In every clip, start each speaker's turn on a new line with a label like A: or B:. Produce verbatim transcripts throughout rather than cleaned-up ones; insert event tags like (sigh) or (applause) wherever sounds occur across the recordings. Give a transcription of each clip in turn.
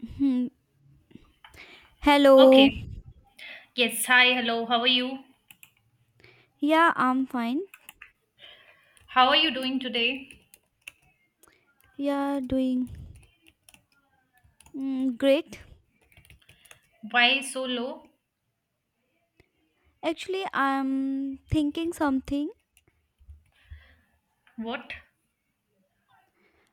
A: Hmm. Hello.
B: Okay. Yes. Hi. Hello. How are you?
A: Yeah, I'm fine.
B: How are you doing today?
A: Yeah, doing mm, great.
B: Why so low?
A: Actually, I'm thinking something.
B: What?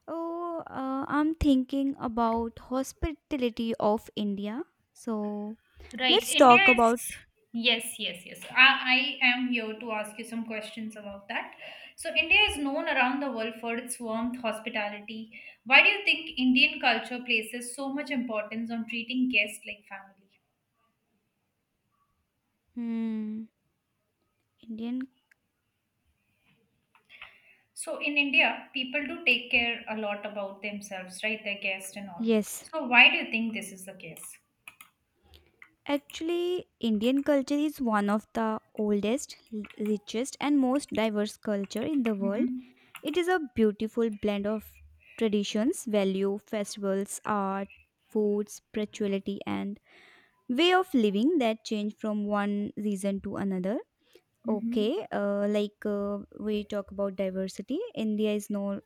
A: Oh, uh, I'm thinking about hospitality of India. So,
B: Right.
A: let's talk
B: India
A: about
B: is. Yes. Yes. Yes. I, I am here to ask you some questions about that. So, India is known around the world for its warmth, hospitality. Why do you think Indian culture places so much importance on treating guests like family?
A: hmm, Indian.
B: So, in India, people do take care a lot about themselves, right? Their guests and all.
A: Yes.
B: So, why do you think this is the case?
A: Actually, Indian culture is one of the oldest, l- richest, and most diverse culture in the world.
B: Mm-hmm.
A: It is a beautiful blend of traditions, value, festivals, art, food, spirituality, and way of living that change from one season to another.
B: Mm-hmm.
A: Okay, uh, like uh, we talk about diversity. India is known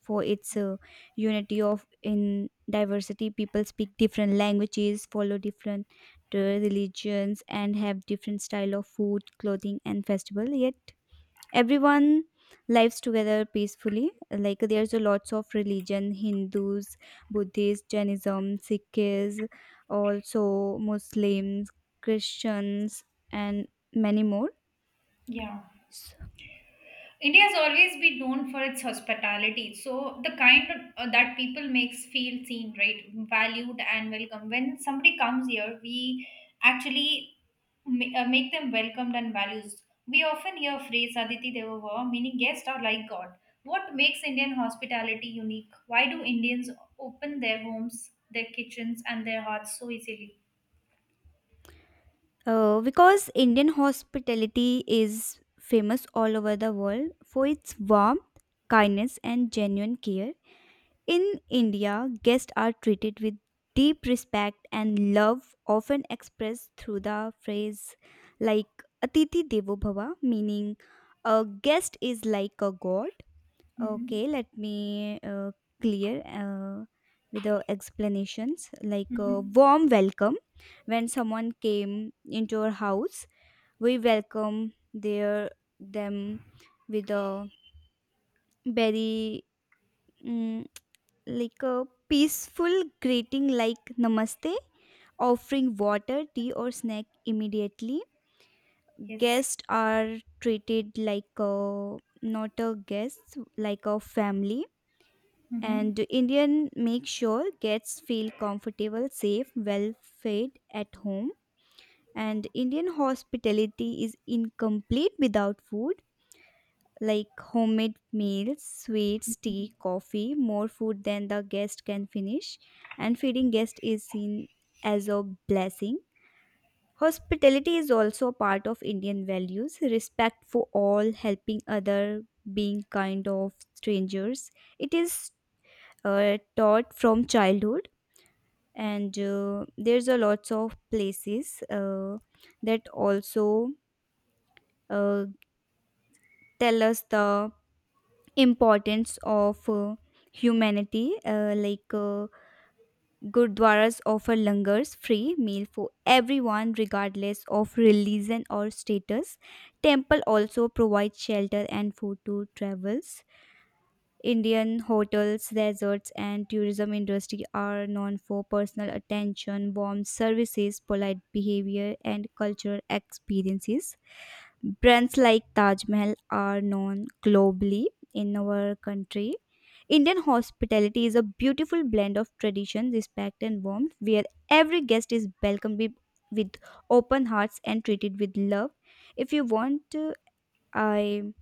A: for its uh, unity of in diversity. People speak different languages, follow different uh, religions, and have different style of food, clothing, and festival. Yet everyone lives together peacefully, like there's a lots of religion: Hindus, Buddhists, Jainism, Sikhs, also Muslims, Christians, and many more.
B: Yeah.
A: S-
B: India has always been known for its hospitality. So the kind uh, that people makes feel seen, right, valued and welcome. When somebody comes here, we actually ma- uh, make them welcomed and values. We often hear phrase "Aditi Deva Bhava," meaning guests are like God. What makes Indian hospitality unique? Why do Indians open their homes, their kitchens, and their hearts so easily?
A: uh, because Indian hospitality is famous all over the world for its warmth, kindness, and genuine care. In India, guests are treated with deep respect and love, often expressed through the phrase like Atiti Devo Bhava, meaning a guest is like a god.
B: Mm-hmm.
A: Okay, let me uh, clear uh, with the explanations, like a
B: Mm-hmm.
A: warm welcome. When someone came into our house, we welcome their them with a very Mm, like a peaceful greeting, like namaste, offering water, tea, or snack immediately.
B: Yes.
A: Guests are treated like a, not a guest, like a family.
B: Mm-hmm.
A: And Indian make sure guests feel comfortable, safe, well fed at home. And Indian hospitality is incomplete without food, like homemade meals, sweets, tea, coffee, more food than the guest can finish, and feeding guest is seen as a blessing. Hospitality is also a part of Indian values, respect for all, helping other, being kind of strangers. It is uh, taught from childhood. And uh, there's a lots of places uh, that also uh, tell us the importance of uh, humanity, uh, like uh, Gurdwaras offer langars, free meal for everyone regardless of religion or status. Temple also provide shelter and food to travels. Indian hotels, resorts, and tourism industry are known for personal attention, warm services, polite behavior, and cultural experiences. Brands like Taj Mahal are known globally in our country. Indian hospitality is a beautiful blend of tradition, respect, and warmth, where every guest is welcomed with, with open hearts and treated with love. If you want, uh, I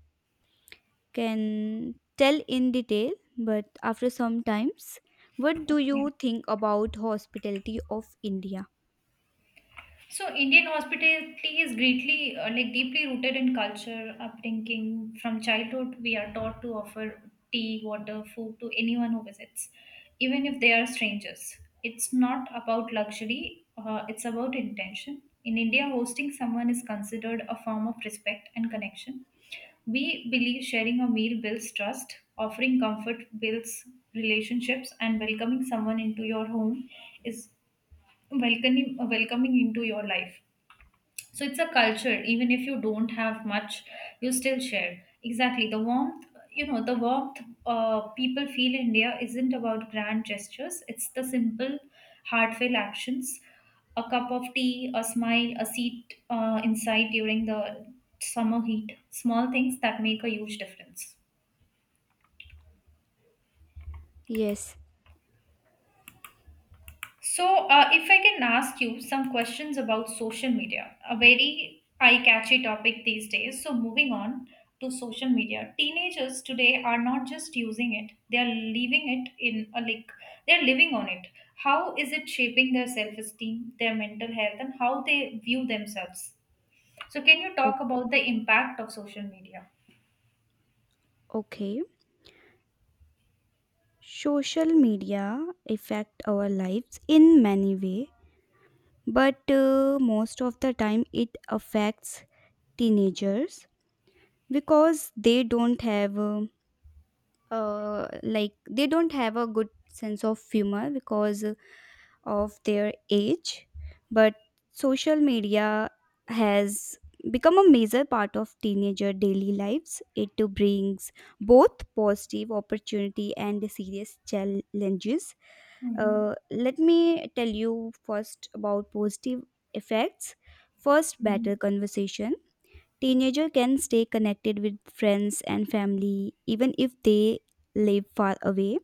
A: can tell in detail, but after some times, what do
B: Okay.
A: you think about hospitality of India?
B: So Indian hospitality is greatly, uh, like deeply rooted in culture, upbringing. From childhood, we are taught to offer tea, water, food to anyone who visits, even if they are strangers. It's not about luxury; uh, it's about intention. In India, hosting someone is considered a form of respect and connection. We believe sharing a meal builds trust, offering comfort builds relationships, and welcoming someone into your home is welcoming welcoming into your life. So it's a culture, even if you don't have much, you still share. Exactly. The warmth, you know, the warmth uh, people feel in India isn't about grand gestures, it's the simple, heartfelt actions. A cup of tea, a smile, a seat uh, inside during the summer heat. Small things that make a huge difference.
A: Yes.
B: So, uh, if I can ask you some questions about social media, a very eye catchy topic these days. So, moving on to social media, teenagers today are not just using it, they are leaving it in a like, they are living on it. How is it shaping their self esteem, their mental health, and how they view themselves? So, can you
A: O-
B: talk about the impact of social media?
A: okay. Social media affect our lives in many way, but uh, most of the time it affects teenagers because they don't have uh, uh, like they don't have a good sense of humor because of their age. But social media has become a major part of teenager daily lives. It too brings both positive opportunity and serious challenges.
B: Mm-hmm.
A: Uh, let me tell you first about positive effects. First,
B: Mm-hmm.
A: better conversation. Teenager can stay connected with friends and family even if they live far away.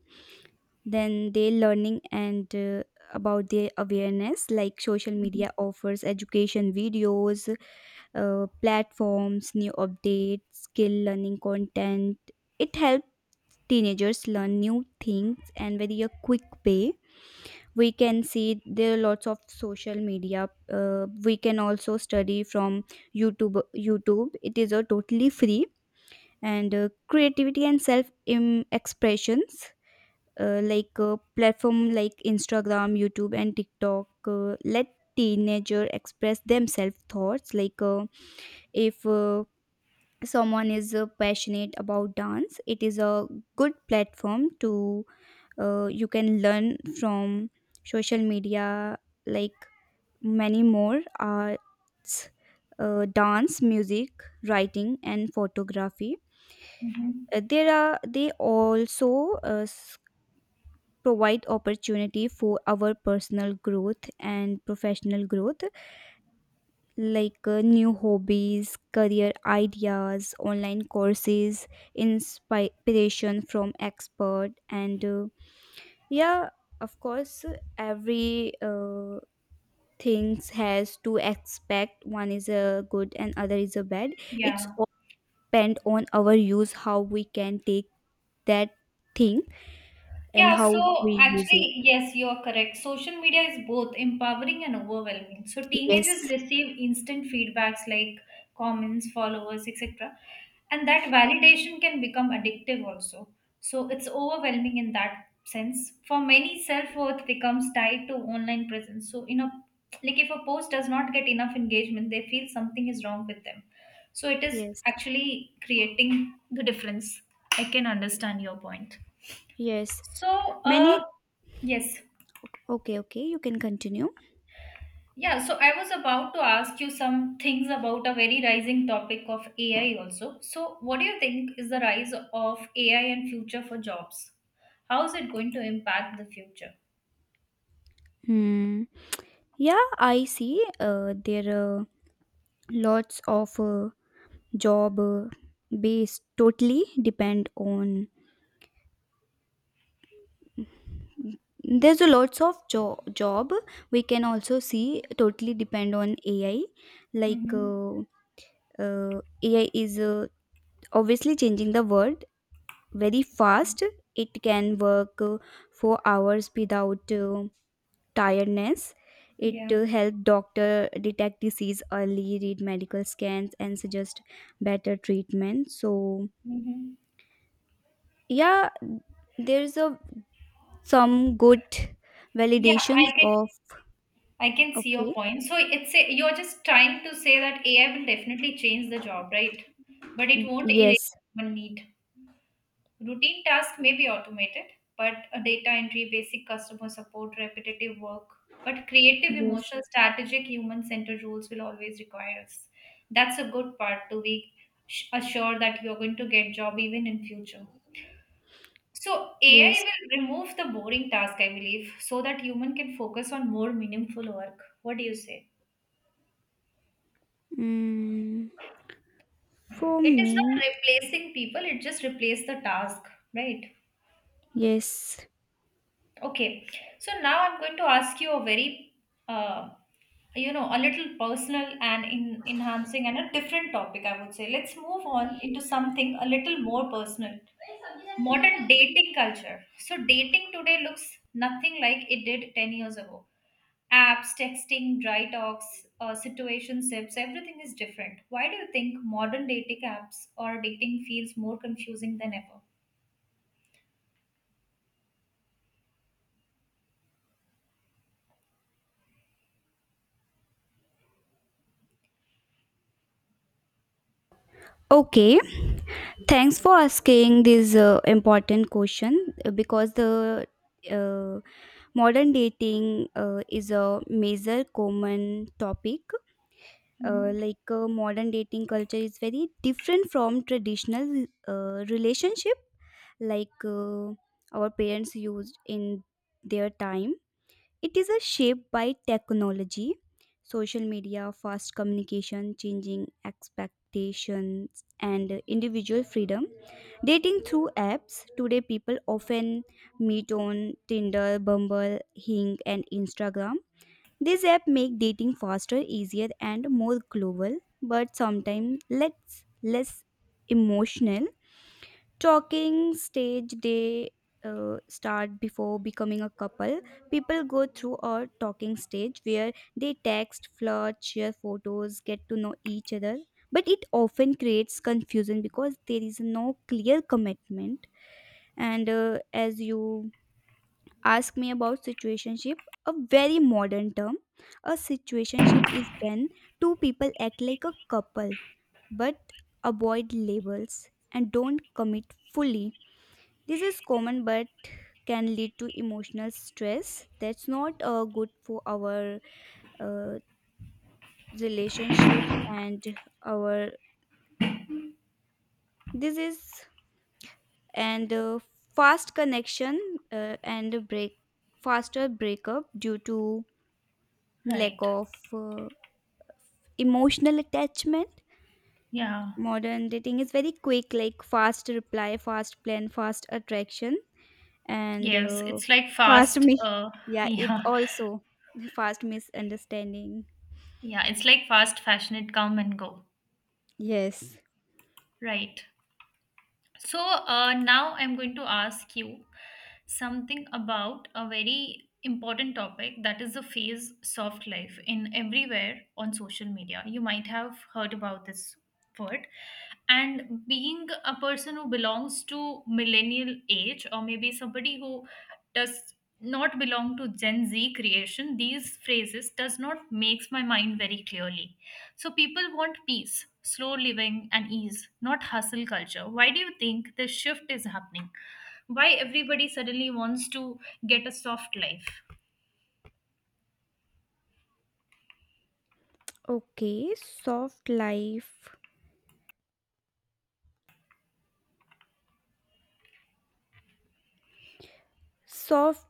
A: Then they learning and uh, about their awareness, like social media offers education videos, uh, platforms, new updates, skill learning content. It helps teenagers learn new things and very a quick way. We can see there are lots of social media. Uh, we can also study from YouTube. YouTube, it is a totally free. And uh, creativity and self im- expressions, uh, like uh, platform like Instagram, YouTube, and TikTok uh, let teenager express themselves thoughts, like uh, if uh, someone is uh, passionate about dance, it is a good platform to uh, you can learn from social media, like many more arts, uh, dance, music, writing, and photography.
B: Mm-hmm.
A: Uh, there are they also uh, s- provide opportunity for our personal growth and professional growth, like uh, new hobbies, career ideas, online courses, inspiration from expert. And uh, yeah, of course every uh, things has two aspect, one is a good and other is a bad. It's
B: Yeah.
A: all depend on our use, how we can take that thing and
B: Yeah, so
A: how we use it.
B: actually, yes, you are correct. Social media is both empowering and overwhelming. So teenagers
A: Yes,
B: receive instant feedbacks like comments, followers, et cetera. And that validation can become addictive also. So it's overwhelming in that sense. For many, self-worth becomes tied to online presence. So, you know, like if a post does not get enough engagement, they feel something is wrong with them. So it is
A: yes,
B: actually creating the difference. I can understand your point.
A: yes.
B: So, uh,
A: Many.
B: yes.
A: Okay, okay. You can continue.
B: Yeah, so I was about to ask you some things about a very rising topic of A I also. So, what do you think is the rise of A I and future for jobs? How is it going to impact the future?
A: Hmm. Yeah, I see. Uh, there are lots of uh, job uh, based totally depend on. There's a lots of jo- job we can also see totally depend on A I. Like
B: Mm-hmm.
A: uh, uh, A I is uh, obviously changing the world very
B: Yeah.
A: fast. It can work uh, for hours without. Uh, tiredness. It
B: Yeah.
A: uh, help doctor detect disease early, read medical scans, and suggest better treatment. So
B: Mm-hmm.
A: yeah, there's a some good
B: Yeah,
A: validations
B: I can
A: of.
B: I can see your
A: Okay.
B: point. So it's a, you're just trying to say that A I will definitely change the job, right? But it won't erase
A: Yes,
B: human need. Routine tasks may be automated, but a data entry, basic customer support, repetitive work, but creative,
A: yes,
B: emotional, strategic, human centered roles will always require us. That's a good part to be sh- assured that you're going to get job even in future. So A I
A: yes.
B: will remove the boring task, I believe, so that human can focus on more meaningful work. What do you say?
A: mm, for
B: It is
A: me,
B: not replacing people; it just replaces the task, right?
A: yes.
B: Okay, so now I'm going to ask you a very, uh, you know, a little personal and in, enhancing and a different topic, I would say. Let's move on into something a little more personal. Modern dating culture. So, dating today looks nothing like it did ten years ago. Apps, texting, dry talks, uh, situationships, everything is different. Why do you think modern dating apps or dating feels more confusing than ever?
A: Okay, thanks for asking this uh, important question uh, because the uh, modern dating uh, is a major common topic. Uh,
B: Mhm.
A: like uh, modern dating culture is very different from traditional uh, relationship, like uh, our parents used in their time. It is a shaped by technology, social media, fast communication, changing expectations, and individual freedom. Dating through apps, today people often meet on Tinder, Bumble, Hing, and Instagram. These apps make dating faster, easier, and more global, but sometimes less less emotional. Talking stage, they uh, start before becoming a couple. People go through a talking stage where they text, flirt, share photos, get to know each other, but it often creates confusion because there is no clear commitment. And uh, as you ask me about situationship, a very modern term, a situationship is when two people act like a couple but avoid labels and don't commit fully. This is common but can lead to emotional stress that's not uh, good for our uh, relationship. And our, this is, and uh, fast connection, uh, and break, faster breakup due to lack
B: Right.
A: of uh, emotional attachment.
B: Yeah.
A: Modern dating is very quick, like fast reply, fast plan, fast attraction, and
B: Yes,
A: uh,
B: it's like
A: fast
B: fast.
A: me.
B: Uh, (laughs)
A: Yeah, it
B: yeah,
A: also fast misunderstanding.
B: yeah, it's like fast fashion. It come and go,
A: Yes.
B: right? So uh, now I'm going to ask you something about a very important topic that is the phase soft life in everywhere on social media. You might have heard about this word. And being a person who belongs to millennial age or maybe somebody who does not belong to Gen Z creation, these phrases does not makes my mind very clearly so people want peace, slow living, and ease, not hustle culture. Why do you think this shift is happening? Why everybody suddenly wants to get a soft life?
A: Okay, soft life. Soft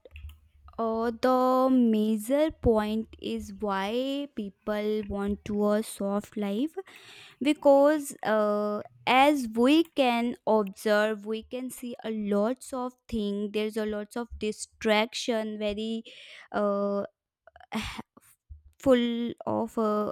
A: uh, The major point is why people want to a soft life, because uh, as we can observe, we can see a lots of thing. There's a lots of distraction, very uh, (sighs) full of uh,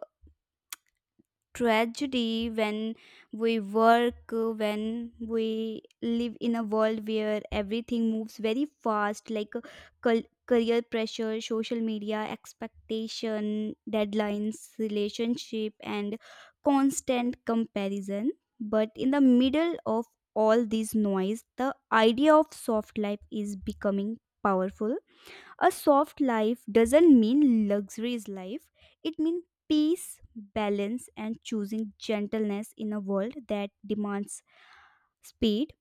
A: tragedy. When we work, uh, when we live in a world where everything moves very fast, like uh, cul- career pressure, social media expectation, deadlines, relationship, and constant comparison. But in the middle of all this noise, the idea of soft life is becoming powerful. A soft life doesn't mean luxurious life. It means peace, balance, and choosing gentleness in a world that demands speed.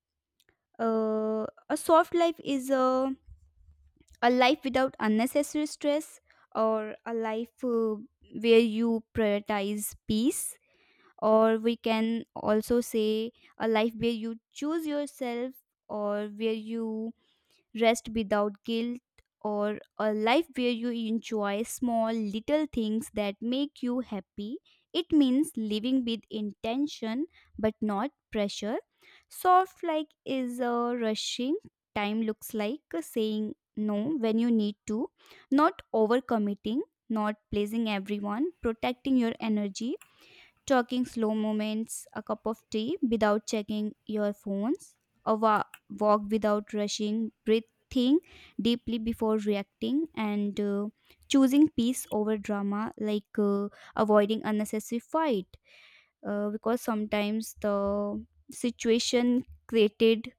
A: Uh, a soft life is a, a life without unnecessary stress, or a life uh, where you prioritize peace, or we can also say a life where you choose yourself, or where you rest without guilt, or a life where you enjoy small little things that make you happy. It means living with intention but not pressure. Soft like is a rushing time looks like saying no when you need to, not overcommitting, not pleasing everyone, protecting your energy, talking slow moments, a cup of tea without checking your phones, a wa- walk without rushing, breathing deeply before reacting, and uh, choosing peace over drama, like uh, avoiding unnecessary fight. Uh, because sometimes the situation created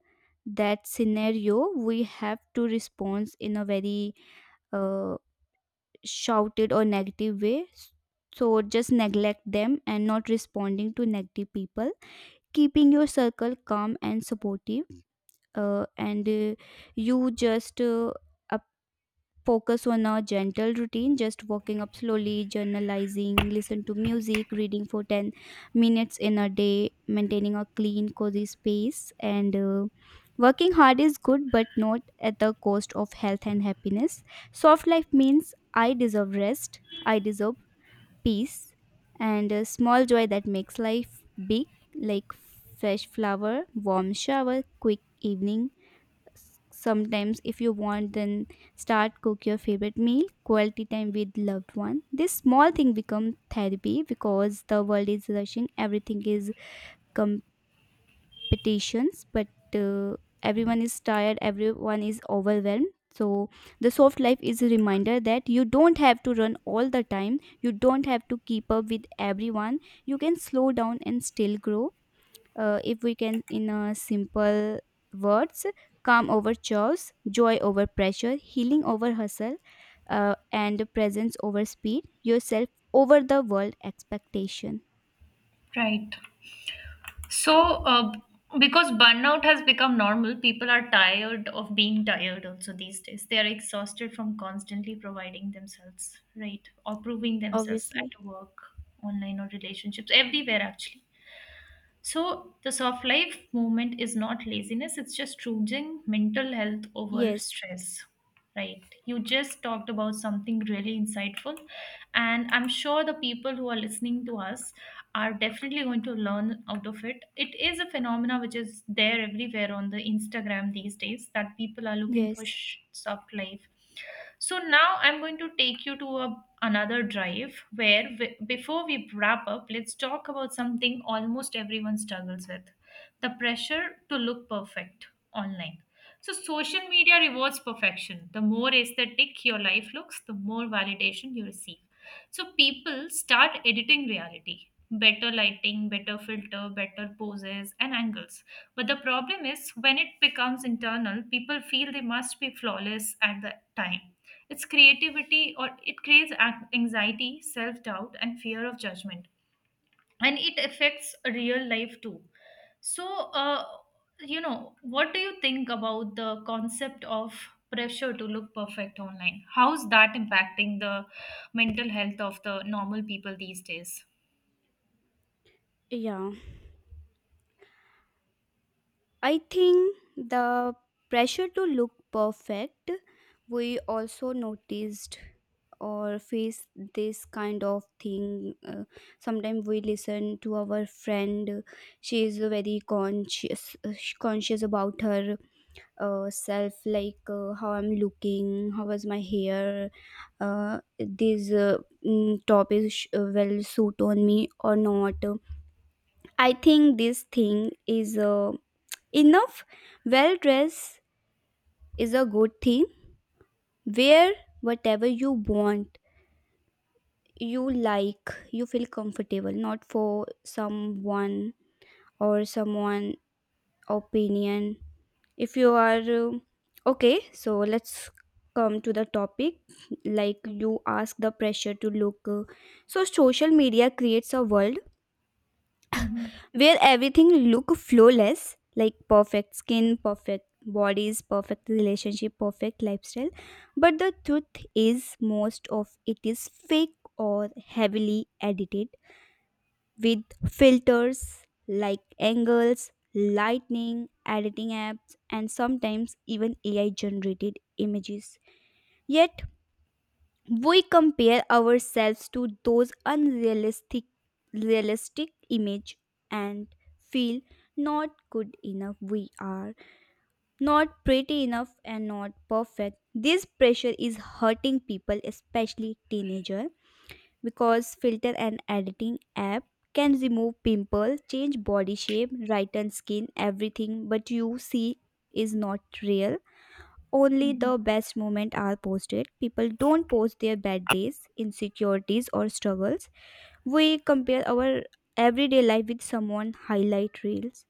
A: that scenario, we have to respond in a very uh, shouted or negative way. So just neglect them and not responding to negative people, keeping your circle calm and supportive. Uh, and uh, you just uh, focus on a gentle routine, just walking up slowly, journalizing, listen to music, reading for ten minutes in a day, maintaining a clean, cozy space. And uh, working hard is good, but not at the cost of health and happiness. Soft life means I deserve rest, I deserve peace, and a small joy that makes life big, like fresh flower, warm shower, quick evening. S- sometimes if you want, then start cook your favorite meal, quality time with loved one. This small thing become therapy, because the world is rushing, everything is competitions. But uh, everyone is tired, everyone is overwhelmed. So the soft life is a reminder that you don't have to run all the time, you don't have to keep up with everyone, you can slow down and still grow. Uh, if we can in a simple words, calm over chores, joy over pressure, healing over hustle, uh, and presence over speed, yourself over the world expectation.
B: Right. So, uh, because burnout has become normal, people are tired of being tired also these days. They are exhausted from constantly providing themselves, right? Or proving themselves
A: Obviously.
B: at work, online, or relationships, everywhere actually. So the soft life movement is not laziness, it's just choosing mental health over
A: Yes,
B: stress. Right. You just talked about something really insightful. And I'm sure the people who are listening to us are definitely going to learn out of it. It is a phenomena which is there everywhere on the Instagram these days that people are looking for
A: yes.
B: sh- soft life so now I'm going to take you to a, another drive where, w- before we wrap up, let's talk about something almost everyone struggles with the pressure to look perfect online. So, social media rewards perfection. The more aesthetic your life looks, the more validation you receive. So people start editing reality. Better lighting, better filter, better poses and angles. But the problem is when it becomes internal, people feel they must be flawless at the time. It's creativity or it creates ac- anxiety, self doubt, and fear of judgment and it affects real life too so uh, you know what do you think about the concept of pressure to look perfect online how's that impacting the mental health of the normal people these days?
A: Yeah, I think the pressure to look perfect, we also noticed or face this kind of thing. Uh, sometimes we listen to our friend, she is very conscious, uh, conscious about her uh, self, like uh, how I'm looking, how was my hair, uh, this uh, mm, top is sh- uh, well suit on me or not. I think this thing is. Uh, Enough well dressed is a good thing. Wear whatever you want, you like, you feel comfortable, not for someone or someone opinion. If you are uh, okay, so let's come to the topic, like you ask the pressure to look uh, so social media creates a world
B: Mm-hmm.
A: where everything look flawless, like perfect skin, perfect bodies, perfect relationship, perfect lifestyle. But the truth is most of it is fake or heavily edited with filters, like angles, lightning, editing apps, and sometimes even AI generated images. Yet we compare ourselves to those unrealistic, realistic image, and feel not good enough, we are not pretty enough and not perfect. This pressure is hurting people, especially teenager, because filter and editing app can remove pimple, change body shape, brighten skin, everything, but you see is not real. Only
B: Mm-hmm.
A: the best moments are posted. People don't post their bad days, insecurities, or struggles. We compare our everyday life with someone highlight reels.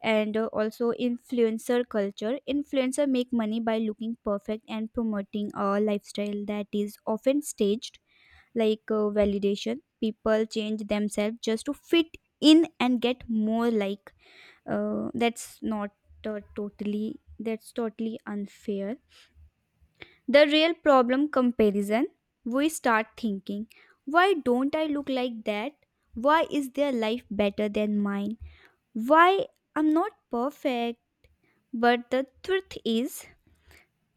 A: And uh, also influencer culture. Influencer make money by looking perfect and promoting a lifestyle that is often staged, like uh, validation. People change themselves just to fit in and get more like. Uh, that's not uh, totally. That's totally unfair. The real problem: comparison. We start thinking, why don't I look like that? Why is their life better than mine? Why I'm not perfect? But the truth is,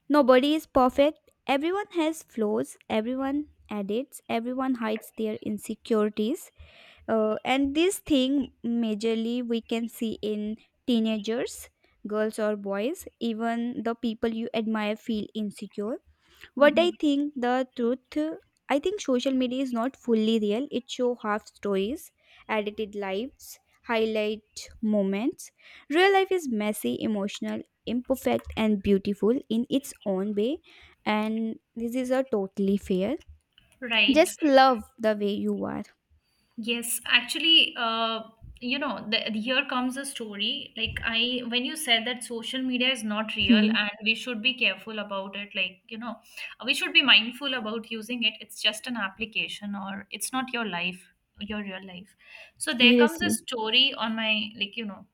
A: nobody is perfect. Everyone has flaws, everyone edits, everyone hides their insecurities. Uh, and this thing, majorly, we can see in teenagers, girls or boys. Even the people you admire feel insecure. What I
B: Mm-hmm.
A: think the truth, I think social media is not fully real. It show half stories, edited lives, highlight moments. Real life is messy, emotional, imperfect, and beautiful in its own way. And this is a totally fair.
B: Right.
A: Just love the way you are.
B: Yes, actually, uh, you know, the, here comes a story. Like I, when you said that social media is not real
A: Hmm.
B: and we should be careful about it, like, you know, we should be mindful about using it. It's just an application or it's not your life, your real life. So there comes a
A: Seriously.
B: story on my, like, you know,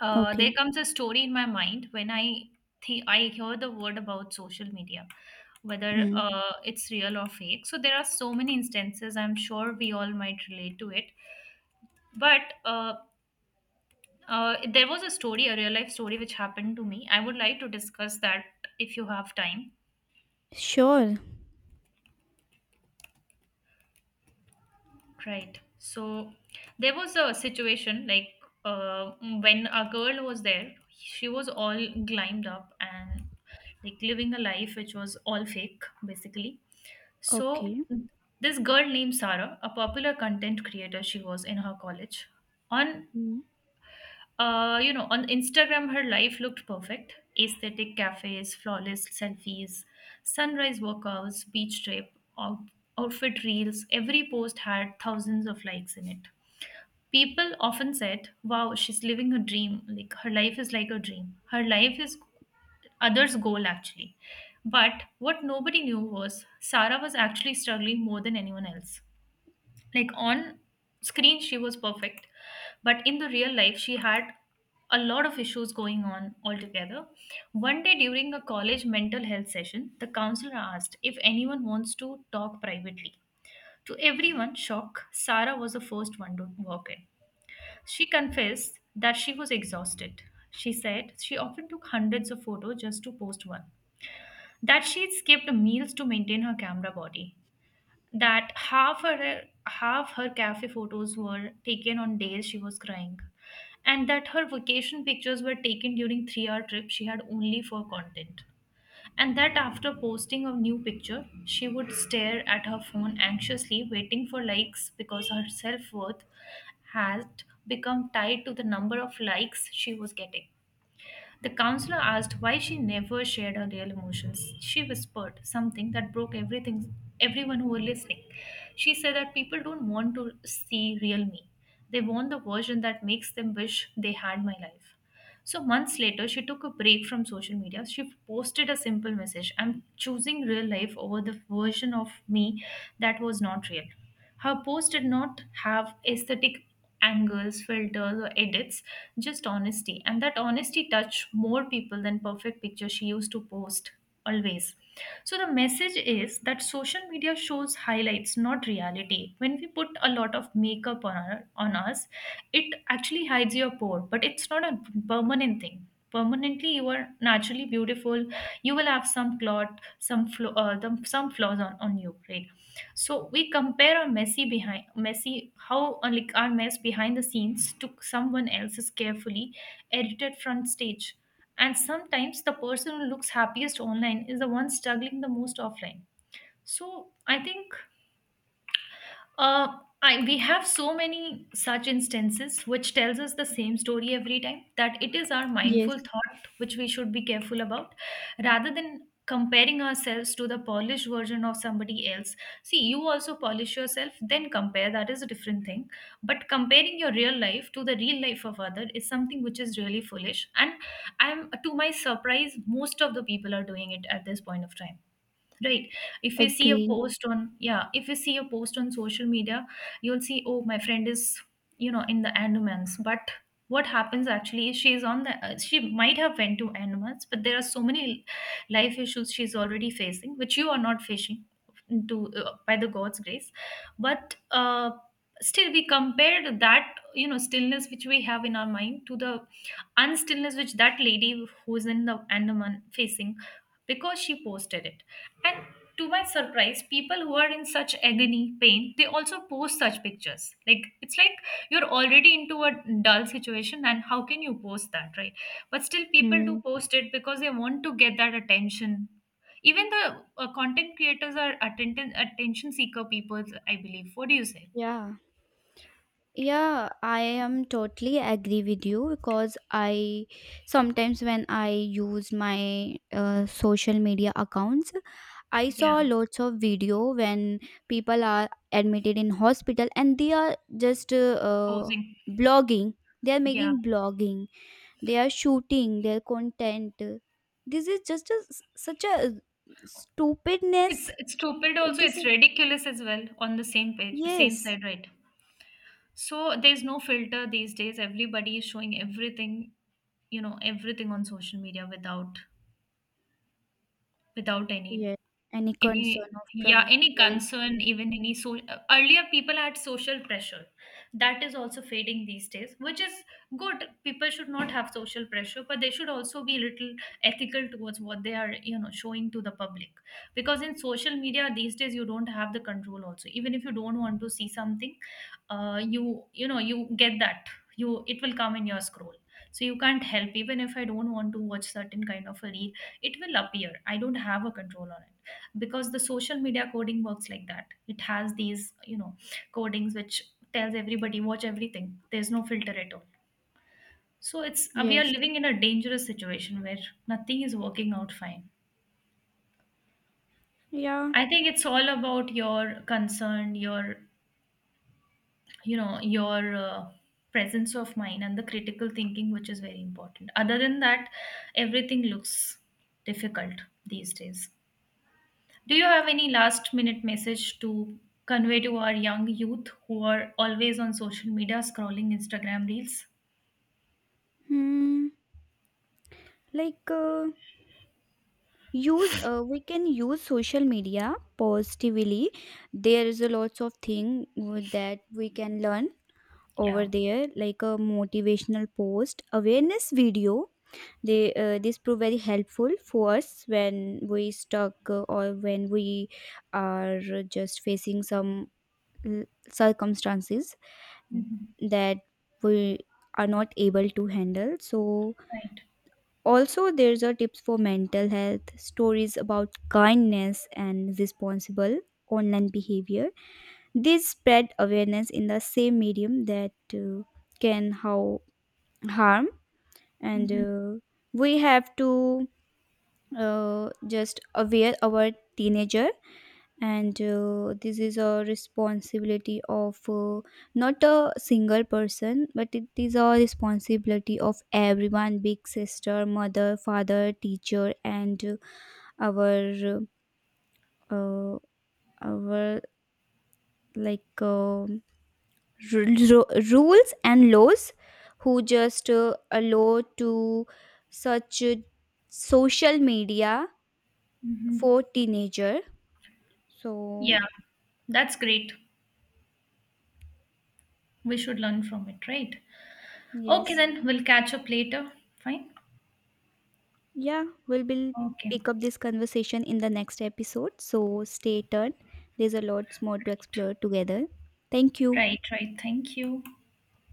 B: uh, there
A: Okay.
B: comes a story in my mind when I think I hear the word about social media. Whether
A: Hmm.
B: uh, it's real or fake. So, there are so many instances, I'm sure we all might relate to it but uh, uh, there was a story, a real life story, which happened to me. I would like to discuss that if you have time.
A: Sure.
B: Right. So there was a situation like uh, when a girl was there, she was all glammed up and like living a life which was all fake, basically. So
A: Okay.
B: this girl named Sarah, a popular content creator, she was in her college. On
A: Hmm.
B: Uh, you know, on Instagram, her life looked perfect. Aesthetic cafes, flawless selfies, sunrise workouts, beach trip, out- outfit reels. Every post had thousands of likes in it. People often said, "Wow, she's living a dream." Like, her life is like a dream. Her life is others' goal, actually. But what nobody knew was Sarah was actually struggling more than anyone else. Like on screen she was perfect but in the real life she had a lot of issues going on altogether. One day during a college mental health session the counselor asked if anyone wants to talk privately. To everyone's shock, Sarah was the first one to walk in. She confessed that she was exhausted. She said she often took hundreds of photos just to post one, that she skipped meals to maintain her camera body, that half her half her cafe photos were taken on days she was crying, and that her vacation pictures were taken during three hour trip she had only for content, and that after posting a new picture she would stare at her phone anxiously waiting for likes because her self-worth had become tied to the number of likes she was getting. The counselor asked why she never shared her real emotions. She whispered something that broke everything, everyone who were listening. She said that people don't want to see real me. They want the version that makes them wish they had my life. So months later, she took a break from social media. She posted a simple message: I'm choosing real life over the version of me that was not real. Her post did not have aesthetic angles, filters, or edits, just honesty. And that honesty touched more people than perfect pictures she used to post always. So the message is that social media shows highlights, not reality. When we put a lot of makeup on our, on us, it actually hides your pore, but it's not a permanent thing. Permanently, you are naturally beautiful. You will have some clot some flaw uh, the, some flaws on, on you, right? So we compare our messy behind messy how uh, like our mess behind the scenes to someone else's carefully edited front stage, and sometimes the person who looks happiest online is the one struggling the most offline. So I think uh, I, we have so many such instances which tells us the same story every time, that it is our
A: Yes.
B: mindful thought which we should be careful about, rather than comparing ourselves to the polished version of somebody else. See, you also polish yourself, then compare, that is a different thing. But comparing your real life to the real life of other is something which is really foolish, and I'm, to my surprise, most of the people are doing it at this point of time, right? if you see a
A: Agree.
B: post on yeah If you see a post on social media, you'll see, oh, my friend is, you know, in the Andamans. But what happens actually is she's on the uh, she might have went to Andamans, but there are so many life issues she's already facing which you are not facing, to uh, by the god's grace. But uh, still we compared that, you know, stillness which we have in our mind to the unstillness which that lady who's in the Andaman facing, because she posted it. And, to my surprise, people who are in such agony, pain, they also post such pictures. Like, it's like you're already into a dull situation, and how can you post that, right? But still, people do
A: Hmm.
B: post it because they want to get that attention. Even the uh, content creators are attention attention seeker people, I believe. What do you say?
A: Yeah. Yeah, I am totally agree with you, because I sometimes when I use my uh, social media accounts, I
B: Yeah,
A: saw lots of video when people are admitted in hospital, and they are just uh, uh,
B: posing.
A: blogging. They are
B: Yeah,
A: making blogging. They are shooting their content. This is just a, such a
B: it's
A: stupidness.
B: it's stupid.
A: It
B: Also, it's
A: doesn't.
B: ridiculous as well, on the same page, same
A: Yes.
B: side, right? So there's no filter these days. Everybody is showing everything, you know, everything on social media without without any
A: Yes. Any
B: any
A: concern of
B: yeah any
A: privacy?
B: concern, even any. So uh, earlier people had social pressure, that is also fading these days, which is good. People should not have social pressure, but they should also be a little ethical towards what they are, you know, showing to the public. Because in social media these days, you don't have the control also. Even if you don't want to see something, uh, you you know you get that, you it will come in your scroll. So you can't help. Even if I don't want to watch certain kind of a reel, it will appear. I don't have a control on it, because the social media coding works like that. It has these, you know, codings which tells everybody watch everything. There's no filter at all. So it's, uh, we are
A: Yes.
B: living in a dangerous situation where nothing is working out fine.
A: Yeah.
B: I think it's all about your concern, your, you know, your uh, presence of mind and the critical thinking, which is very important. Other than that, everything looks difficult these days. Do you have any last minute message to convey to our young youth who are always on social media scrolling Instagram reels?
A: Hmm. Like uh, use uh, we can use social media positively. There is a lots of thing with that we can learn
B: Yeah.
A: over there, like a motivational post, awareness video. They uh, this prove very helpful for us when we stuck, uh, or when we are just facing some l- circumstances
B: Hmm.
A: that we are not able to handle. So,
B: Right.
A: also, there's a tips for mental health, stories about kindness and responsible online behavior. These spread awareness in the same medium that uh, can how harm. And
B: Hmm.
A: uh, we have to uh, just aware our teenager. And uh, this is a responsibility of uh, not a single person, but it is a responsibility of everyone: big sister, mother, father, teacher, and uh, our uh, our like um ru- ru- rules and laws, who just uh, allow to such uh, social media for
B: Hmm.
A: teenager. So
B: Yeah, that's great. We should learn from it, right? Okay,
A: yes.
B: then we'll catch up later. Fine.
A: Yeah, we'll be
B: Okay.
A: pick up this conversation in the next episode. So stay tuned. There's a lot more to
B: Right.
A: explore together. Thank you.
B: Right. Right. Thank you.